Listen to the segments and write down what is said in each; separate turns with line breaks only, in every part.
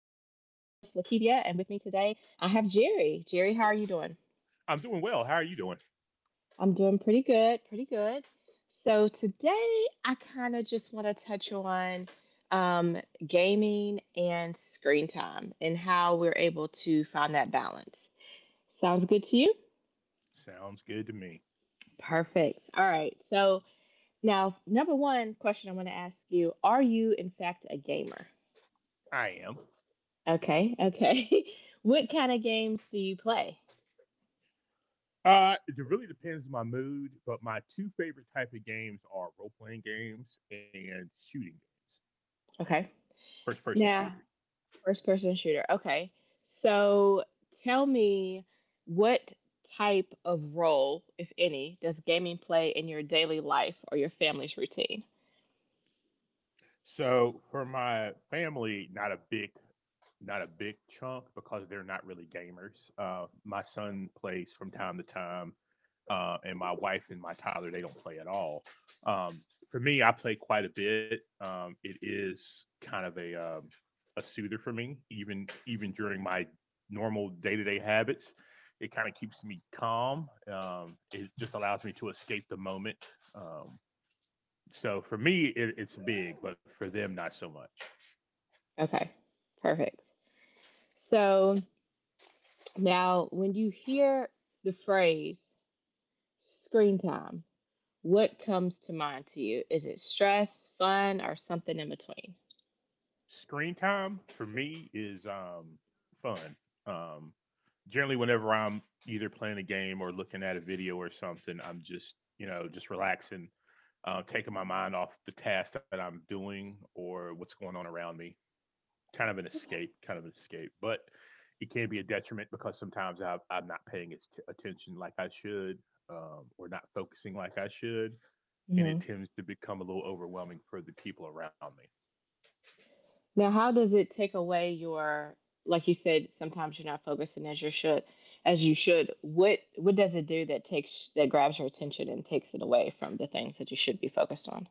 Lakivia, and with me today I have Jerry. Jerry, how are you doing?
I'm doing well. How are you doing?
I'm doing pretty good, pretty good. So today I kind of just want to touch on um, gaming and screen time and how we're able to find that balance. Sounds good to you?
Sounds good to me.
Perfect. All right. So now, number one question I want to ask you: Are you in fact a gamer?
I am.
Okay, okay. What kind of games do you play?
It really depends on my mood, but my two favorite type of games are role playing games and shooting games,
Okay.
first person shooters.
Now, first person shooter. Okay. So tell me what type of role, if any, does gaming play in your daily life or your family's routine?
So for my family, not a big chunk because they're not really gamers. My son plays from time to time. And my wife and my toddler, they don't play at all. Um, for me, I play quite a bit. It is kind of a soother for me, even during my normal day to day habits. It kind of keeps me calm. It just allows me to escape the moment. Um, so for me, it's big, but for them, not so much.
Okay. Perfect. So now when you hear the phrase screen time, what comes to mind to you? Is it stress, fun, or something in between?
Screen time for me is fun. Um Generally whenever I'm either playing a game or looking at a video or something, I'm just, you know, just relaxing, taking my mind off the task that I'm doing or what's going on around me. Kind of an escape, kind of an escape. But it can be a detriment because sometimes I'm not paying its attention like I should or not focusing like I should. And it tends to become a little overwhelming for the people around me.
Now, how does it take away your, like you said, sometimes you're not focusing as you should, as you should. What does it do that takes that grabs your attention and takes it away from the things that you should be focused on?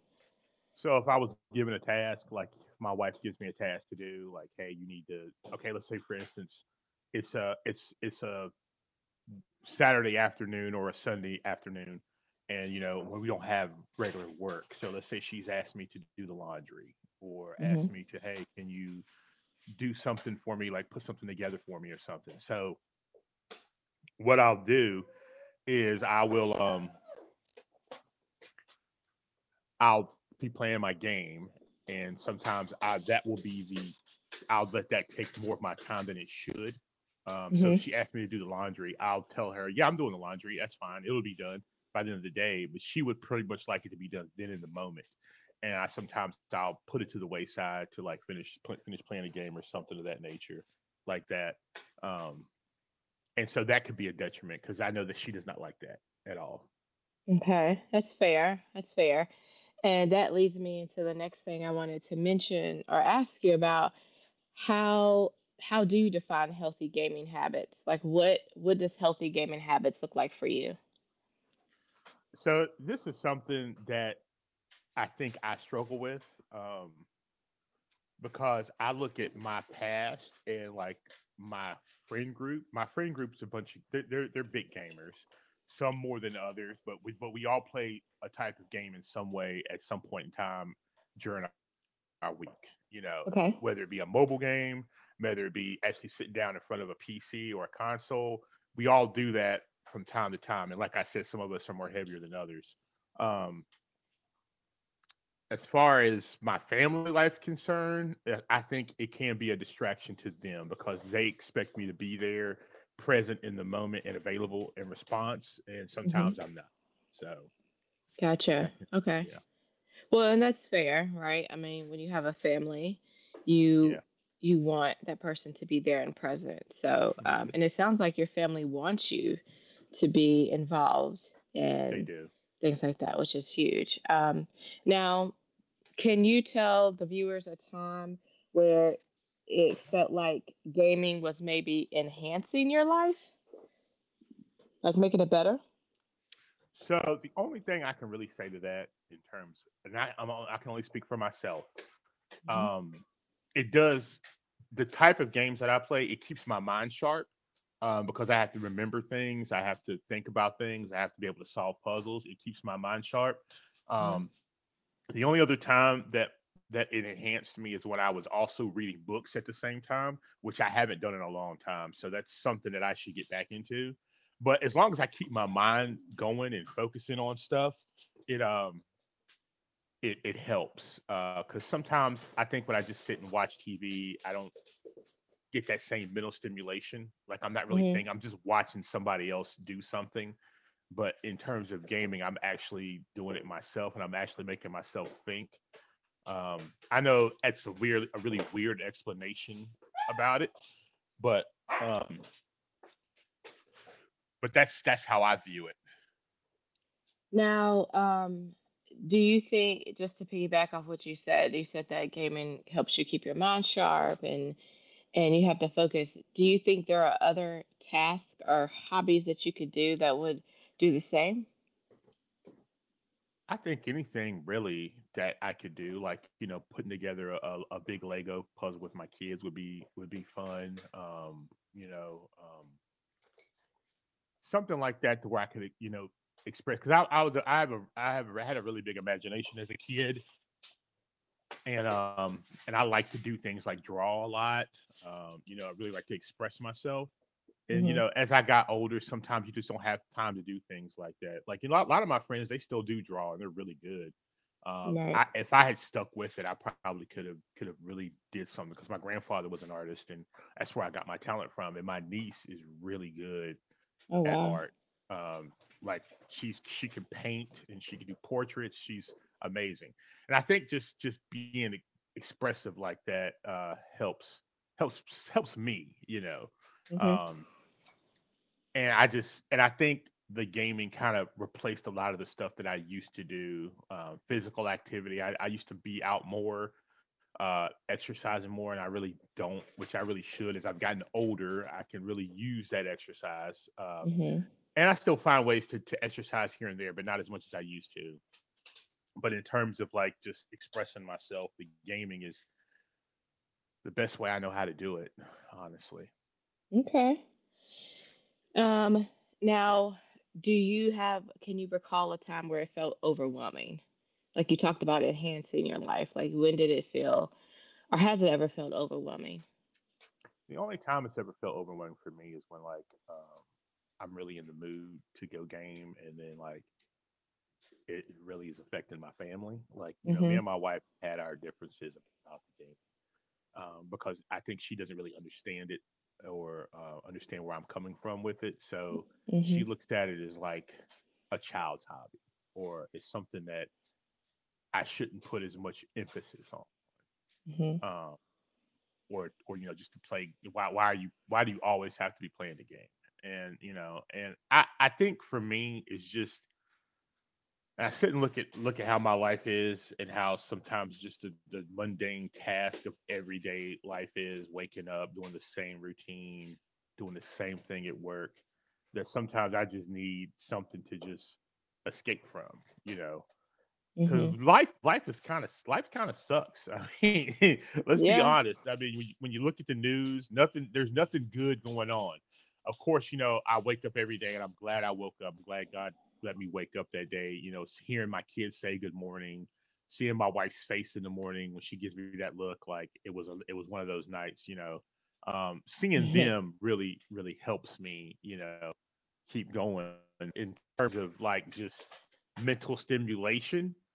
So if I was given a task, like if my wife gives me a task to do, like, hey, you need to okay, let's say for instance, it's a Saturday afternoon or a Sunday afternoon, and you know when we don't have regular work. So let's say she's asked me to do the laundry or asked me
Mhm.
to hey, can you do something for me, like put something together for me or something. So what I'll do is I will I'll be playing my game, and sometimes I that will be the I'll let that take more of my time than it should. So if
Mhm.
she asked me to do the laundry, I'll tell her, yeah, I'm doing the laundry. That's fine. It'll be done by the end of the day. But she would pretty much like it to be done then in the moment. And I sometimes I'll put it to the wayside to like finish playing a game or something of that nature, like that. Um, and so that could be a detriment because I know that she does not like that at all.
Okay, that's fair. That's fair. And that leads me into the next thing I wanted to mention or ask you about how how do you define healthy gaming habits? Like what does healthy gaming habits look like for you?
So this is something that I think I struggle with. Um, because I look at my past and like my friend group. My friend group's a bunch of they're big gamers, some more than others, but we all play a type of game in some way at some point in time during our week. You know, whether it be a
Okay.
mobile game, whether it be actually sitting down in front of a PC or a console, we all do that from time to time. And like I said, some of us are more heavier than others. Um, as far as my family life concerned, I think it can be a distraction to them because they expect me to be there, present in the moment and available in response, and
Mhm.
sometimes I'm not. So
Gotcha.
that can,
Okay.
yeah,
Well, and that's fair, right? I mean, when you have a family,
yeah,
you you want that person to be there and present. So,
mm-hmm.
and it sounds like your family wants you to be involved
They
in
do.
things like that, which is huge. Now, can you tell the viewers a time where it felt like gaming was maybe enhancing your life, like making it better?
So the only thing I can really say to that in terms, and I can only speak for myself.
Mm-hmm.
Um, it does the type of games that I play, it keeps my mind sharp because I have to remember things, I have to think about things, I have to be able to solve puzzles. It keeps my mind sharp.
Mm-hmm.
Um, the only other time that it enhanced me is when I was also reading books at the same time, which I haven't done in a long time. So that's something that I should get back into. But as long as I keep my mind going and focusing on stuff, it um it helps because sometimes I think when I just sit and watch TV, I don't get that same mental stimulation. Like I'm not really
Mm-hmm.
thinking, I'm just watching somebody else do something. But in terms of gaming, I'm actually doing it myself and I'm actually making myself think. Um, I know that's a really weird explanation about it, but um, but that's how I view it.
Now, do you think, just to piggyback off what you said that gaming helps you keep your mind sharp and you have to focus. Do you think there are other tasks or hobbies that you could do that would do the same?
I think anything really that I could do, like you know, putting together a big Lego puzzle with my kids would be fun. You know, something like that to where I could you know express because I was a, I have a I have a, had a really big imagination as a kid, and um and I like to do things like draw a lot. You know, I really like to express myself, and you
Mm-hmm.
know as I got older sometimes you just don't have time to do things like that, like you know a lot of my friends they still do draw and they're really good. um
Right.
i if I had stuck with it I probably could have really did something because my grandfather was an artist, and that's where I got my talent from. And my niece is really good
Oh,
at
wow.
art. um like she can paint and she can do portraits. She's amazing. And I think just being expressive like that helps helps me, you know.
Mm-hmm.
um and I think the gaming kind of replaced a lot of the stuff that I used to do. Physical activity. I used to be out more, exercising more, and I really don't, which I really should. As I've gotten older, I can really use that exercise.
Mm-hmm.
And I still find ways to exercise here and there, but not as much as I used to. But in terms of like just expressing myself, the gaming is the best way I know how to do it, honestly.
Okay. Um, now, do you have, can you recall a time where it felt overwhelming? Like you talked about enhancing your life. Like when did it feel, or has it ever felt overwhelming?
The only time it's ever felt overwhelming for me is when like um, I'm really in the mood to go game, and then like it really is affecting my family. Like you know, me and my wife had our differences about the game because I think she doesn't really understand it or understand where I'm coming from with it. So she
Mhm.
looks at it as like a child's hobby or it's something that I shouldn't put as much emphasis on.
Mhm.
Um, or you know just to play, why are you, why do you always have to be playing the game. And you know and I think for me it's just, and I sit and look at how my life is and how sometimes just the mundane task of everyday life is waking up, doing the same routine, doing the same thing at work. That sometimes I just need something to just escape from, you know, because
Mhm.
life kind of sucks. I mean, let's be
Yeah.
honest. I mean, when you look at the news, nothing there's nothing good going on. Of course, you know I wake up every day and I'm glad I woke up. I'm glad God let me wake up that day. You know, hearing my kids say good morning, seeing my wife's face in the morning when she gives me that look, like it was one of those nights. You know, seeing
Mhm.
them really really helps me. You know, keep going in terms of like just mental stimulation.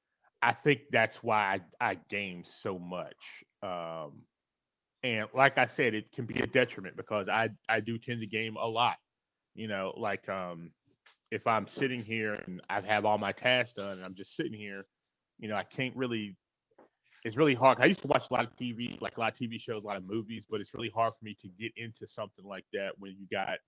I think that's why I game so much. And like I said, it can be a detriment because I do tend to game a lot. You know, like if I'm sitting here and I have all my tasks done and I'm just sitting here, you know, I can't really. It's really hard. I used to watch a lot of TV, like a lot of TV shows, a lot of movies, but it's really hard for me to get into something like that when you got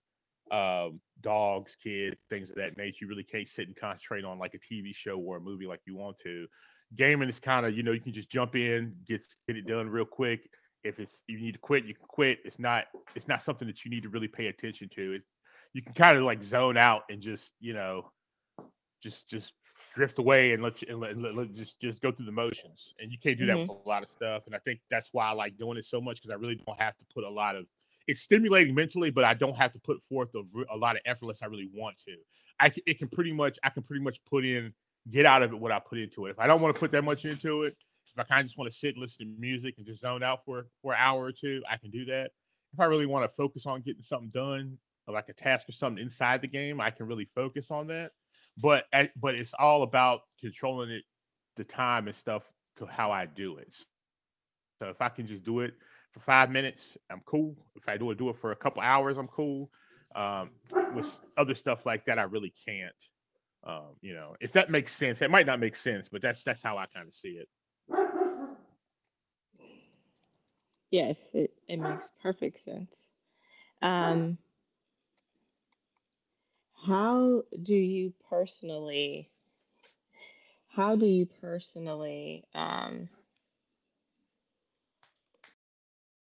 dogs, kids, things of that nature. You really can't sit and concentrate on like a TV show or a movie like you want to. Gaming is kind of, you know, you can just jump in, get it done real quick. If it's you need to quit, you can quit. It's not something that you need to really pay attention to. It, you can kind of like zone out and just you know just drift away and let you just go through the motions. And you can't do that
Mhm.
with a lot of stuff. And I think that's why I like doing it so much because I really don't have to put a lot of. It's stimulating mentally, but I don't have to put forth a lot of effort unless I really want to. It can pretty much, I can pretty much put in get out of it what I put into it. If I don't want to put that much into it, if I kind of just want to sit and listen to music and just zone out for an hour or two, I can do that. If I really want to focus on getting something done, like a task or something inside the game, I can really focus on that. but but it's all about controlling it, the time and stuff to how I do it. So if I can just do it for 5 minutes, I'm cool. If I do it for a couple hours, I'm cool. Um, with other stuff like that, I really can't. You know, if that makes sense, it might not make sense, but that's how I kind of see it.
Yes, it makes perfect sense. Um, how do you personally, how do you personally